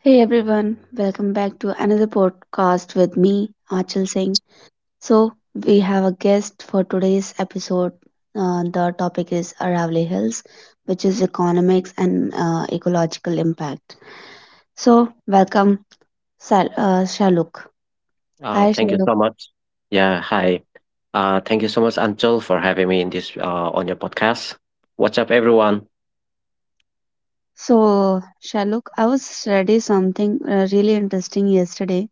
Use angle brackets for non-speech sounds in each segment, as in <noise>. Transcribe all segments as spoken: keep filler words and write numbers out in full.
Hey everyone, welcome back to another podcast with me, Achal Singh. So, we have a guest for today's episode. Uh, the topic is Aravalli Hills, which is economics and uh, ecological impact. So, welcome, Sal- uh, Shaluk. Uh, Hi, Thank you Shaluk. so much. Yeah, hi. Uh, thank you so much, Anchal, for having me in this uh, on your podcast. What's up, everyone? So, Shaluk, I was studying something uh, really interesting yesterday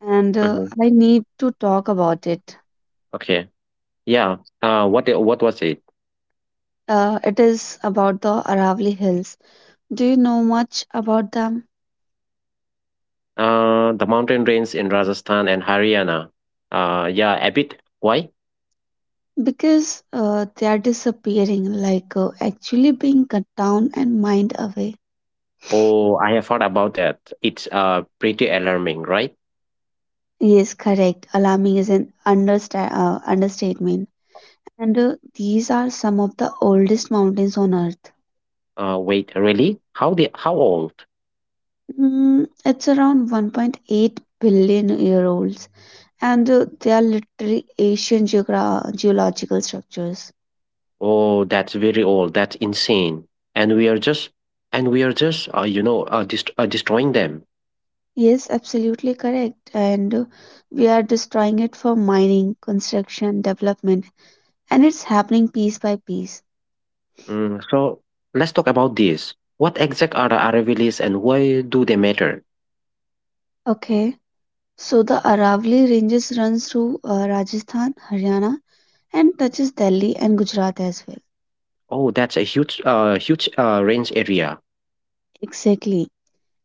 and uh, Mm-hmm. I need to talk about it. Okay. Yeah. Uh, what i- what was it? Uh, it is about the Aravalli Hills. Do you know much about them? Uh, the mountain range in Rajasthan and Haryana. Uh, yeah, a bit. Why? Because uh, they are disappearing, like uh, actually being cut down and mined away. Oh, I have heard about that. It's uh pretty alarming, right? Yes, correct. Alarming is an understa- uh, understatement. And uh, these are some of the oldest mountains on Earth. Uh, wait, really? How the how old? Mm, it's around 1.8 billion year olds, and uh, they are literally ancient geogra- geological structures. Oh, that's very old. That's insane. And we are just and we are just uh, you know uh, dest- uh destroying them. Yes, absolutely correct. And uh, we are destroying it for mining, construction, development, and it's happening piece by piece. Mm, so let's talk about this. What exact are the Aravallis and why do they matter? Okay, so the Aravali Ranges runs through uh, Rajasthan, Haryana, and touches Delhi and Gujarat as well. Oh, that's a huge uh huge uh range area. Exactly.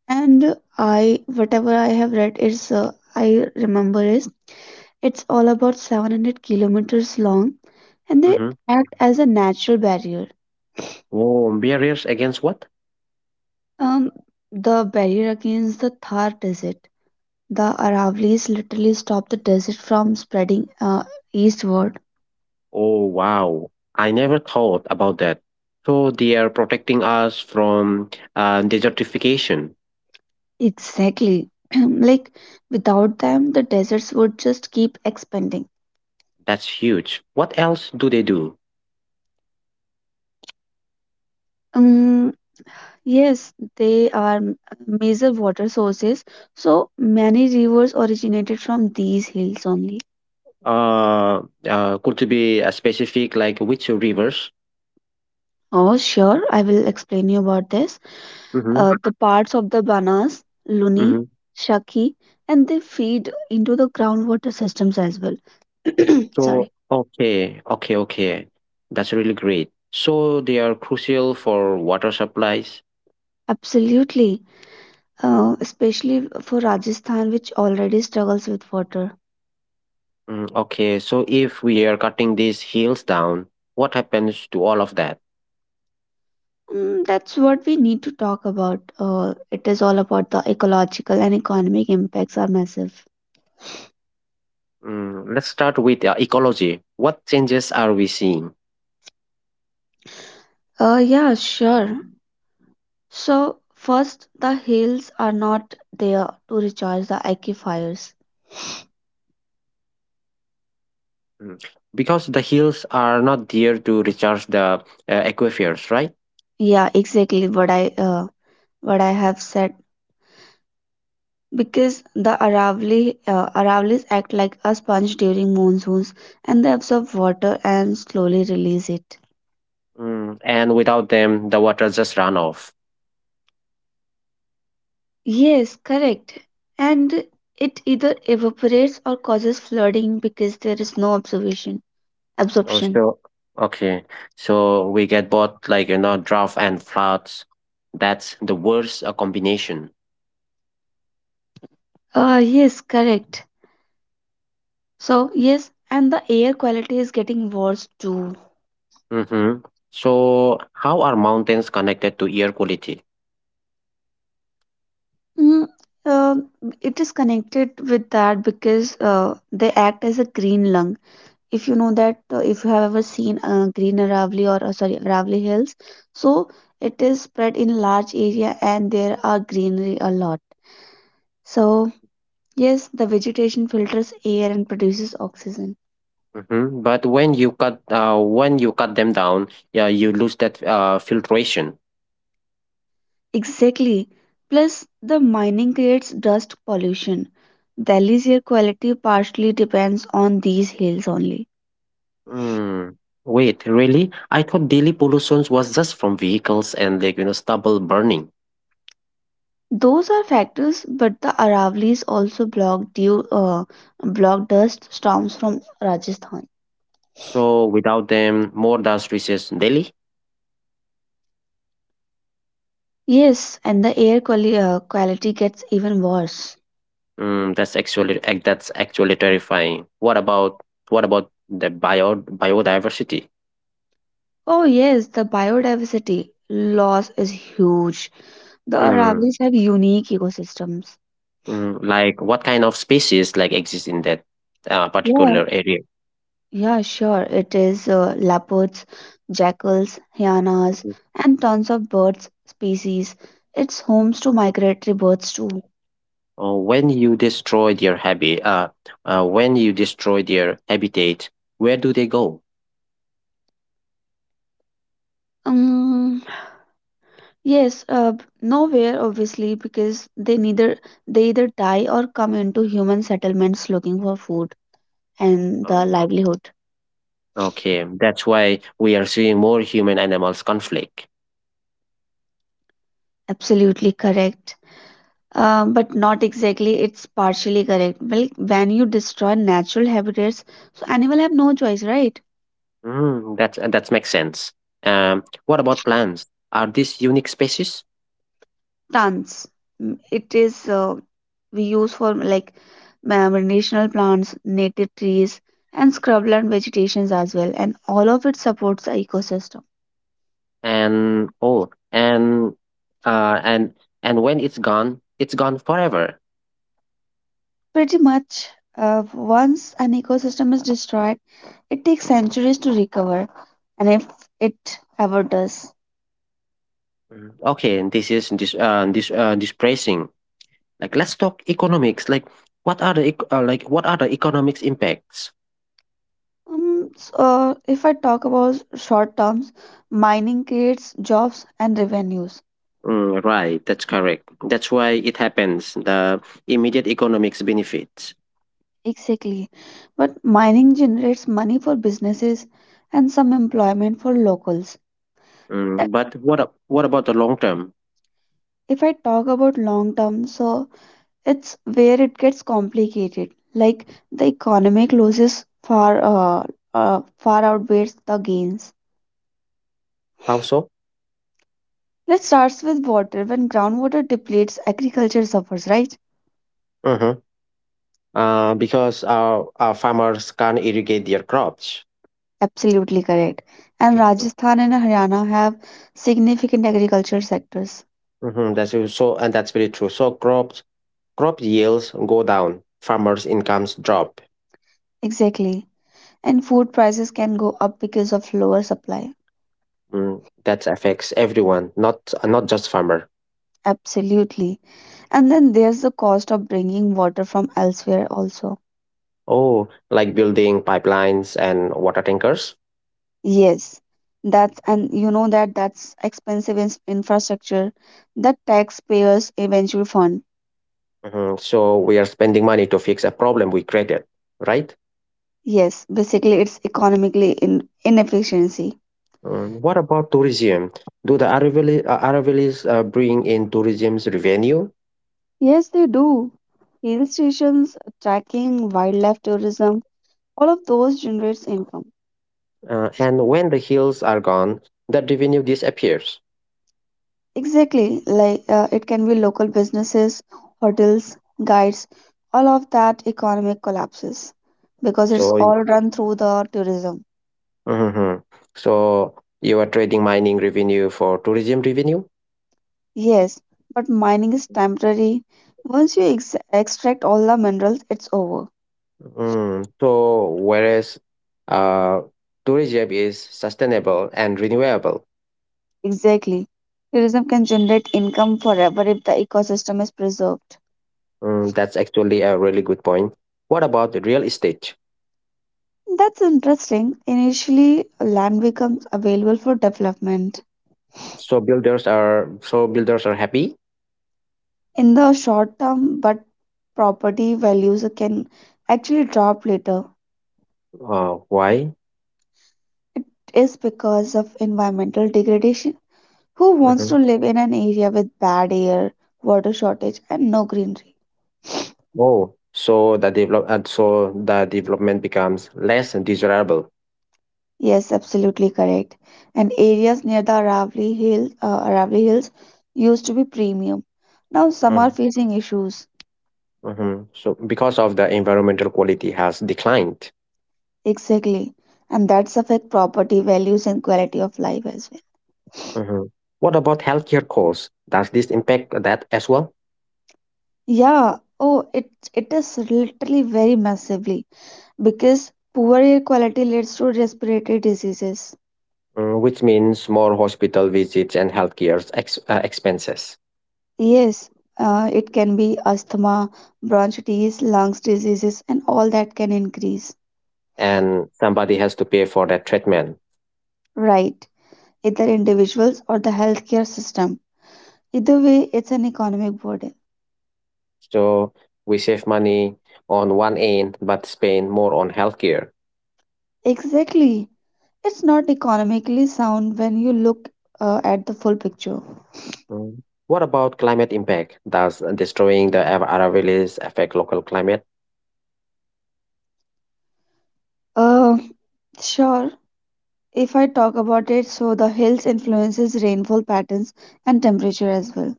And I, whatever I have read, is uh, I remember is it's all about 700 kilometers long, and they Mm-hmm. act as a natural barrier. Oh, barriers against what? Um, the barrier against the Thar Desert. The Aravalis literally stop the desert from spreading uh, eastward. Oh, wow. I never thought about that. So they are protecting us from uh, desertification. Exactly. <clears throat> Like without them, the deserts would just keep expanding. That's huge. What else do they do? Um, yes, they are m- major water sources, so many rivers originated from these hills only. Uh, uh, could it be a specific, like which rivers? Oh, sure, I will explain you about this. Mm-hmm. Uh, the parts of the Banas, Luni, Mm-hmm. Shaki, and they feed into the groundwater systems as well. <clears throat> So, Sorry. okay, okay, okay. That's really great. So they are crucial for water supplies. Absolutely, uh, especially for Rajasthan, which already struggles with water. Mm, okay, so if we are cutting these hills down, what happens to all of that? Mm, that's what we need to talk about. Uh, it is all about the ecological and economic impacts are massive. Mm, let's start with uh, ecology. What changes are we seeing? Uh, yeah, sure. So, first, the hills are not there to recharge the aquifers. Mm, Because the hills are not there to recharge the uh, aquifers, right? Yeah, exactly what I uh, what I have said. Because the Aravali uh, Aravalis act like a sponge during monsoons, and they absorb water and slowly release it. Mm, and without them, the water just run off. Yes, correct. And it either evaporates or causes flooding because there is no observation absorption. Also, okay, so we get both like you know drought and floods. That's the worst uh, combination. Uh yes, correct. So yes, and the air quality is getting worse too. Mm-hmm. So how are mountains connected to air quality? Mm, um, it is connected with that because uh, they act as a green lung. If you know that, uh, if you have ever seen uh, green Aravali or uh, sorry Aravali Hills, so it is spread in large area and there are greenery a lot. So yes, the vegetation filters air and produces oxygen. Mm-hmm. But when you cut uh, when you cut them down, yeah, you lose that uh, filtration. Exactly. Plus, the mining creates dust pollution. Delhi's air quality partially depends on these hills only. Mm. Wait, really? I thought daily pollution was just from vehicles and like you know stubble burning. Those are factors, but the Aravallis also block due uh, block dust storms from Rajasthan. So without them, more dust reaches Delhi. Yes, and the air quali- uh, quality gets even worse. Mm, that's actually ac- that's actually terrifying. What about what about the bio biodiversity? Oh yes, the biodiversity loss is huge. The Mm, Aravallis have unique ecosystems. mm, like what kind of species like exist in that uh, Yeah, particular area? yeah, sure. It is uh, leopards, jackals, hyenas, Mhm. and tons of birds species. It's homes to migratory birds too. Uh, when you destroy their habit, uh, uh, when you destroy their habitat, where do they go? Um, yes, uh, nowhere obviously because they neither they either die or come into human settlements looking for food and the Um, livelihood. Okay, that's why we are seeing more human animals conflict. Absolutely correct. Uh, but not exactly. It's partially correct. Well, when you destroy natural habitats, so animal have no choice, right? Mm, that's that makes sense. Um, what about plants? Are these unique species? Tons. Mm, It is uh, we use for like ma- medicinal plants, native trees, and scrubland vegetations as well, and all of it supports the ecosystem. And oh, and uh, and and when it's gone, it's gone forever. Pretty much, uh, once an ecosystem is destroyed, it takes centuries to recover, and if it ever does. Mm, Okay, and this is this uh, this uh, depressing. Like, let's talk economics. Like, what are the ec- uh, like what are the economics impacts? Um, so, uh, if I talk about short terms, mining creates jobs and revenues. Mm, right, that's correct. That's why it happens. The immediate economics benefits. Exactly. But mining generates money for businesses and some employment for locals. Mm, but what a- what about the long term? If I talk about long term, so it's where it gets complicated. Like the economic losses far uh, uh, far outweighs the gains. How so? Let's start with water. When groundwater depletes, agriculture suffers, right? Mhm. Uh, because our, our farmers can't irrigate their crops. Absolutely correct. And Mhm. Rajasthan and Haryana have significant agriculture sectors. Mhm, That's so, so- and that's very true. So crops crop yields go down, farmers' incomes drop. Exactly. And food prices can go up because of lower supply. Mm, that affects everyone, not not just farmer. Absolutely. And then there's the cost of bringing water from elsewhere also. Oh, like building pipelines and water tankers. Yes, that's and you know that that's expensive in infrastructure that taxpayers eventually fund. Mhm, So we are spending money to fix a problem we created, right? Yes, basically it's economically in inefficiency. Um, what about tourism? Do the Aravallis, uh, Aravallis uh, bring in tourism's revenue? Yes, they do. Hill stations, trekking, wildlife tourism, all of those generates income. Uh, and when the hills are gone, that revenue disappears. Exactly, like uh, it can be local businesses, hotels, guides, all of that economic collapses because it's So, y- all run through the tourism. Mhm. So you are trading mining revenue for tourism revenue. Yes, but mining is temporary. Once you ex- extract all the minerals, it's over. Mm. So, whereas uh, tourism is sustainable and renewable. Exactly. Tourism can generate income forever if the ecosystem is preserved. Mm, that's actually a really good point. What about the real estate? That's interesting. Initially, land becomes available for development. So builders are so builders are happy. In the short term, but property values can actually drop later. Uh, why? It is because of environmental degradation. Who wants to Mm-hmm. live in an area with bad air, water shortage, and no greenery? Oh, so the develop and so the development becomes less desirable. Yes, absolutely correct. And areas near the Aravali Hills, uh, Aravali Hills used to be premium. Now some are Mm, facing issues. hmm So because of the environmental quality has declined. Exactly. And that's affect property values and quality of life as well. Hmm. What about healthcare costs? Does this impact that as well? Yeah. Oh, it it is literally very massively. Because poor air quality leads to respiratory diseases. Mm, which means more hospital visits and healthcare ex- uh, expenses, Yes, uh, it can be asthma, bronchitis, lungs diseases, and all that can increase. and somebody has to pay for that treatment. Right, either individuals or the healthcare system. Either way, it's an economic burden. So we save money on one end, but spend more on healthcare. Exactly. It's not economically sound when you look uh, at the full picture. Mm. What about climate impact? Does destroying the Ara- Aravallis affect local climate? Uh, Sure. If I talk about it, so the hills influences rainfall patterns and temperature as well.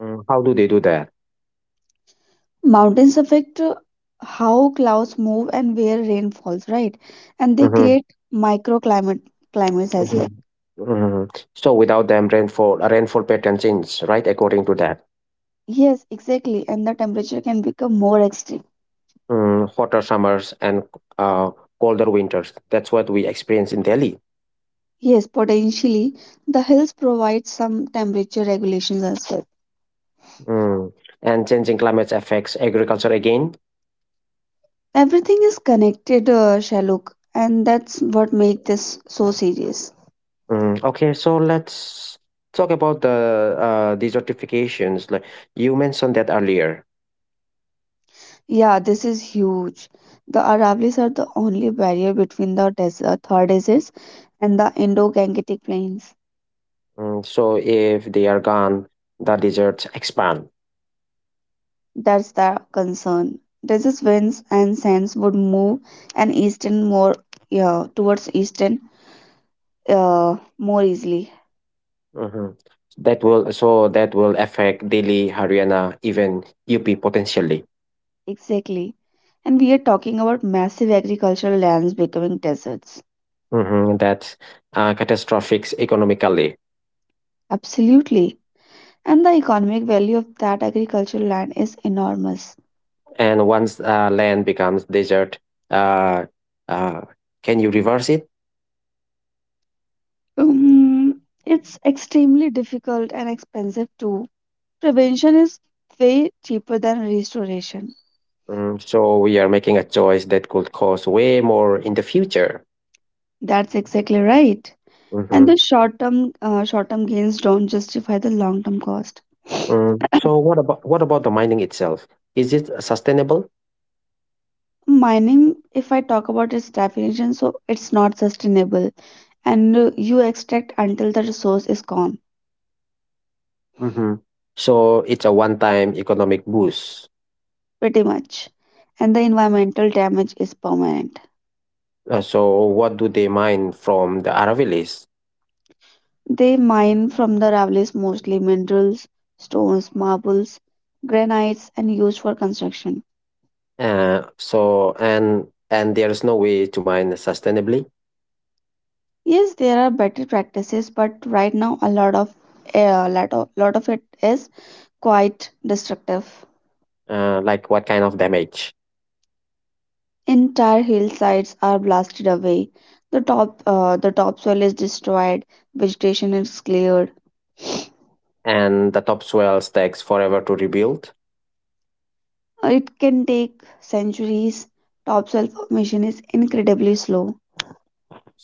Mm, How do they do that? Mountains affect uh, how clouds move and where rain falls, right? And they hmm create microclimate climates as hmm well. hmm So without them, rainfall rainfall pattern change, right? According to that, Yes, exactly. And the temperature can become more extreme. mm, hotter summers and uh, colder winters. That's what we experience in Delhi. Yes, potentially the hills provide some temperature regulations as well. Mm. And changing climate affects agriculture again. Everything is connected, uh, Shaluk, and that's what makes this so serious. Mm. Okay, so let's talk about the uh, desertifications. Like you mentioned that earlier. Yeah, this is huge. The Aravallis are the only barrier between the desert, Thar deserts and the Indo-Gangetic plains. Mm, so if they are gone, the deserts expand. That's the concern. Resist winds and sands would move and eastern more yeah, towards eastern uh, more easily. Hmm. That will so that will affect Delhi, Haryana, even U P potentially. Exactly. And we are talking about massive agricultural lands becoming deserts. hmm That's uh, catastrophic economically. Absolutely. And the economic value of that agricultural land is enormous. And once uh, land becomes desert, uh, uh, can you reverse it? Um, it's extremely difficult and expensive too. Prevention is way cheaper than restoration. Mm, so we are making a choice that could cost way more in the future. That's exactly right. And the hmm short term uh, short term gains don't justify the long term cost. Mm, so what about what about the mining itself? Is it sustainable? Mining, if I talk about its definition, so it's not sustainable and uh, you extract until the resource is gone, Mhm. So it's a one-time economic boost. pretty much. And the environmental damage is permanent. Uh, so what do they mine from the Aravallis? They mine from the Ravilis mostly minerals, stones, marbles, granites, and used for construction. Uh, so and and there is no way to mine sustainably. Yes, there are better practices, but right now a lot of a lot of, lot of it is quite destructive. Uh, like what kind of damage? Entire hillsides are blasted away. The top, uh, the topsoil is destroyed. Vegetation is cleared. And the topsoil takes forever to rebuild. It can take centuries. Topsoil formation is incredibly slow.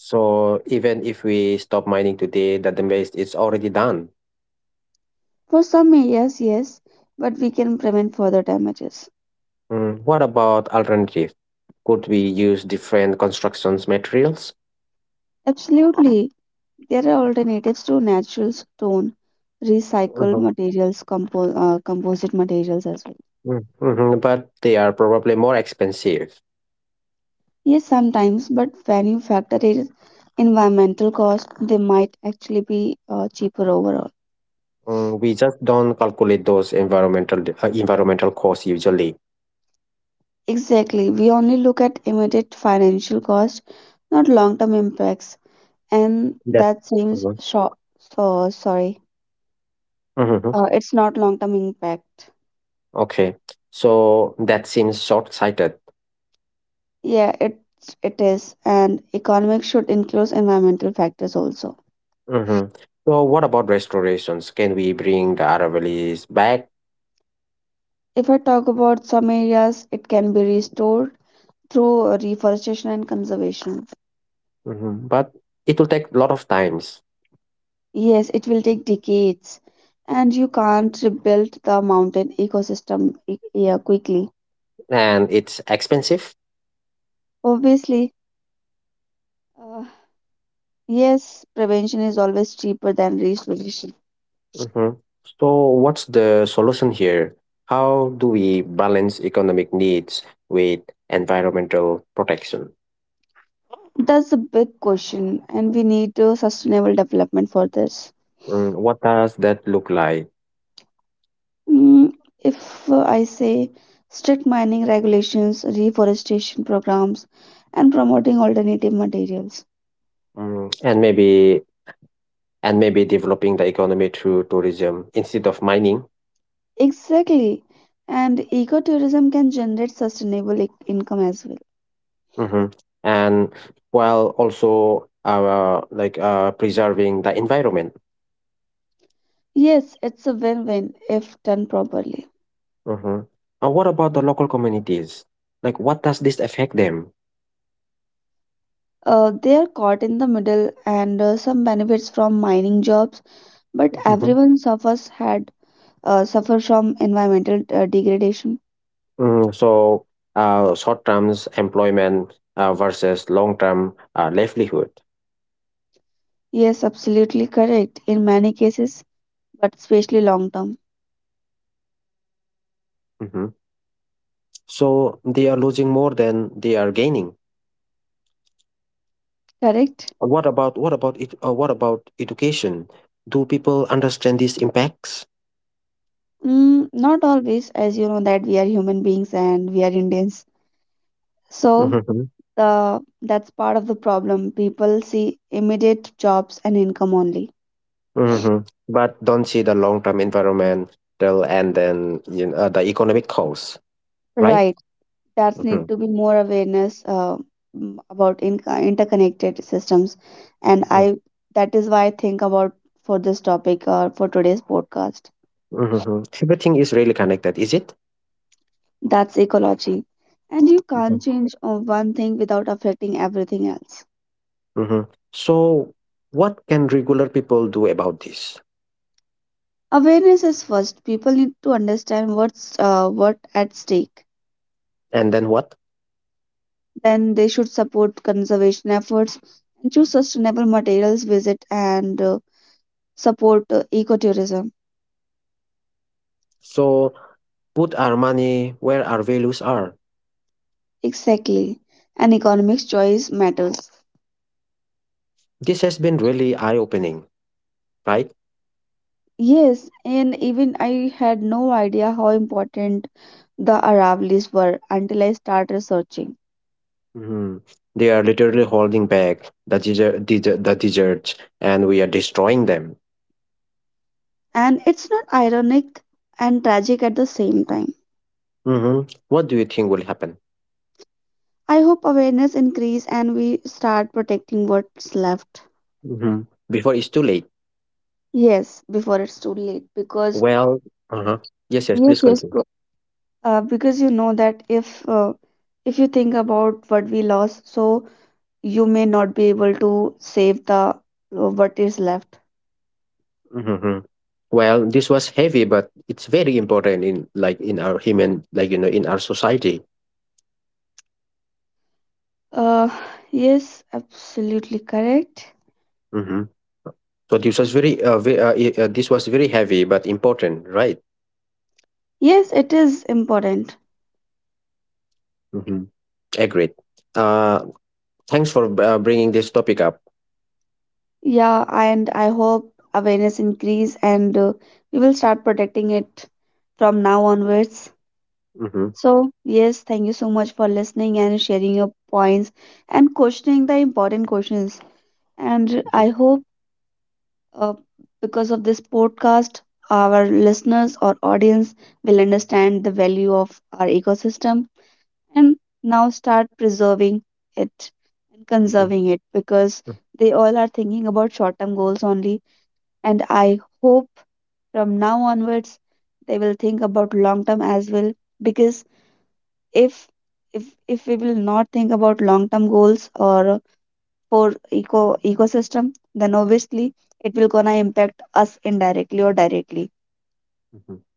So even if we stop mining today, the damage is already done. For some areas, yes, but we can prevent further damages. Mm, What about alternative? Could we use different constructions materials? Absolutely, there are alternatives to natural stone, recycled Mhm. materials, compo- uh, composite materials as well. Mhm. Mhm, but they are probably more expensive. Yes, sometimes, but when you factor in environmental cost, they might actually be uh, cheaper overall. Mm, we just don't calculate those environmental d- uh, environmental costs usually. Exactly. We only look at immediate financial cost, not long-term impacts. And That. that seems Mhm. short. So sorry. Mhm. Uh, it's not long-term impact. Okay. So that seems short-sighted. Yeah, it it is. And economics should include environmental factors also. hmm So what about restorations? Can we bring the Aravallis back? If I talk about some areas, it can be restored through uh, reforestation and conservation. hmm But it will take a lot of times Yes, it will take decades, and you can't rebuild the mountain ecosystem i- yeah, quickly. and it's expensive. Obviously, uh, yes, prevention is always cheaper than restoration. hmm So what's the solution here? How do we balance economic needs with environmental protection? That's a big question, and we need uh, sustainable development for this. Mm, what does that look like? Mm, if uh, I say strict mining regulations, reforestation programs, and promoting alternative materials. Mm, and maybe and maybe developing the economy through tourism instead of mining. Exactly, and ecotourism can generate sustainable i- income as well. hmm and while also uh, like uh, preserving the environment. Yes, it's a win-win if done properly. hmm and what about the local communities, like what does this affect them? Uh, they are caught in the middle, and uh, some benefits from mining jobs, but hmm everyone suffers had uh, suffer from environmental uh, degradation. mm, so uh, short terms employment uh, versus long term uh, livelihood. Yes, absolutely correct. In many cases, but especially long term. hmm so they are losing more than they are gaining. Correct. What about what about it? Uh, what about education? Do people understand these impacts? Mm, not always, as you know that we are human beings and we are Indians. So hmm the that's part of the problem. People see immediate jobs and income only. hmm But don't see the long-term environmental and then you know, uh, the economic costs, right? Right. That's hmm need to be more awareness uh, mm, about in- interconnected systems, and hmm I that is why I think about for this topic or for today's podcast. Everything is really connected, is it? That's ecology, and you can't change uh, one thing without affecting everything else. hmm So, what can regular people do about this? Awareness is first. People need to understand what's uh, what at stake. And then what? Then they should support conservation efforts and choose sustainable materials. Visit and uh, support uh, ecotourism. So, put our money where our values are. Exactly. An economics choice matters. This has been really eye opening, right? Yes, and even I had no idea how important the Aravallis were until I started researching. Mhm. They are literally holding back the desert, desert, the deserts, and we are destroying them. And it's not ironic and tragic at the same time. hmm What do you think will happen I hope awareness increase and we start protecting what's left. hmm before it's too late? Yes, before it's too late. Because, Well, uh-huh. Yes, yes, yes, Please yes, continue. go- uh, because you know that if uh, if you think about what we lost, so you may not be able to save the uh, what is left. hmm Well, this was heavy, but it's very important in like in our human, like you know, in our society. Uh, yes, absolutely correct. hmm So this was very, uh, ve- uh, i- uh, this was very heavy but important, right? Yes, it is important. hmm Agreed. Uh, Thanks for uh, bringing this topic up. Yeah, and I hope awareness increase and uh, we will start protecting it from now onwards. hmm So, yes, thank you so much for listening and sharing your points and questioning the important questions. And I hope uh, because of this podcast, our listeners or audience will understand the value of our ecosystem and now start preserving it and hmm conserving it because they all are thinking about short term goals only. And I hope from now onwards they will think about long term as well because if if if we will not think about long term goals or for eco ecosystem, then obviously it will gonna impact us indirectly or directly.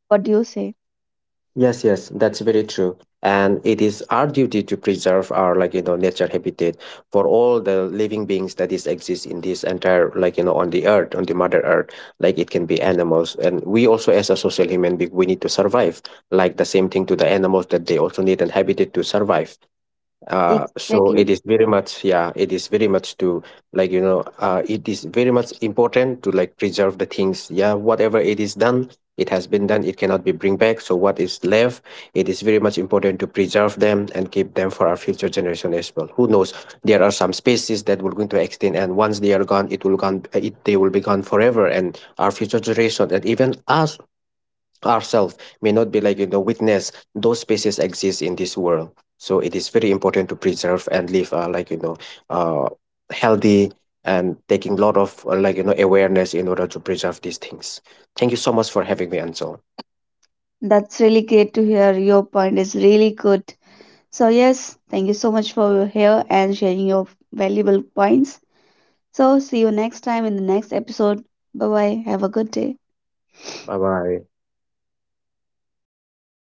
What do you say? Yes, yes, that's very true. And it is our duty to preserve our like you know nature habitat for all the living beings that is exist in this entire like you know on the earth, on the mother earth. Like it can be animals. And we also as a social human being, we need to survive. Like the same thing to the animals that they also need an habitat to survive uh so Exactly. it is very much, yeah, it is very much to like you know uh it is very much important to like preserve the things. Yeah, whatever it is done, it has been done, it cannot be bring back, so what is left, it is very much important to preserve them and keep them for our future generation as well. Who knows, there are some species that will going to extinct, and once they are gone, it will gone, it they will be gone forever, and our future generation and even us ourselves may not be like you know witness those spaces exist in this world. So it is very important to preserve and live uh, like you know uh, healthy and taking lot of uh, like you know awareness in order to preserve these things. Thank you so much for having me, Ansel. That's really great to hear. Your point is really good. So yes, thank you so much for here and sharing your valuable points. So see you next time in the next episode. Bye bye. Have a good day. Bye bye.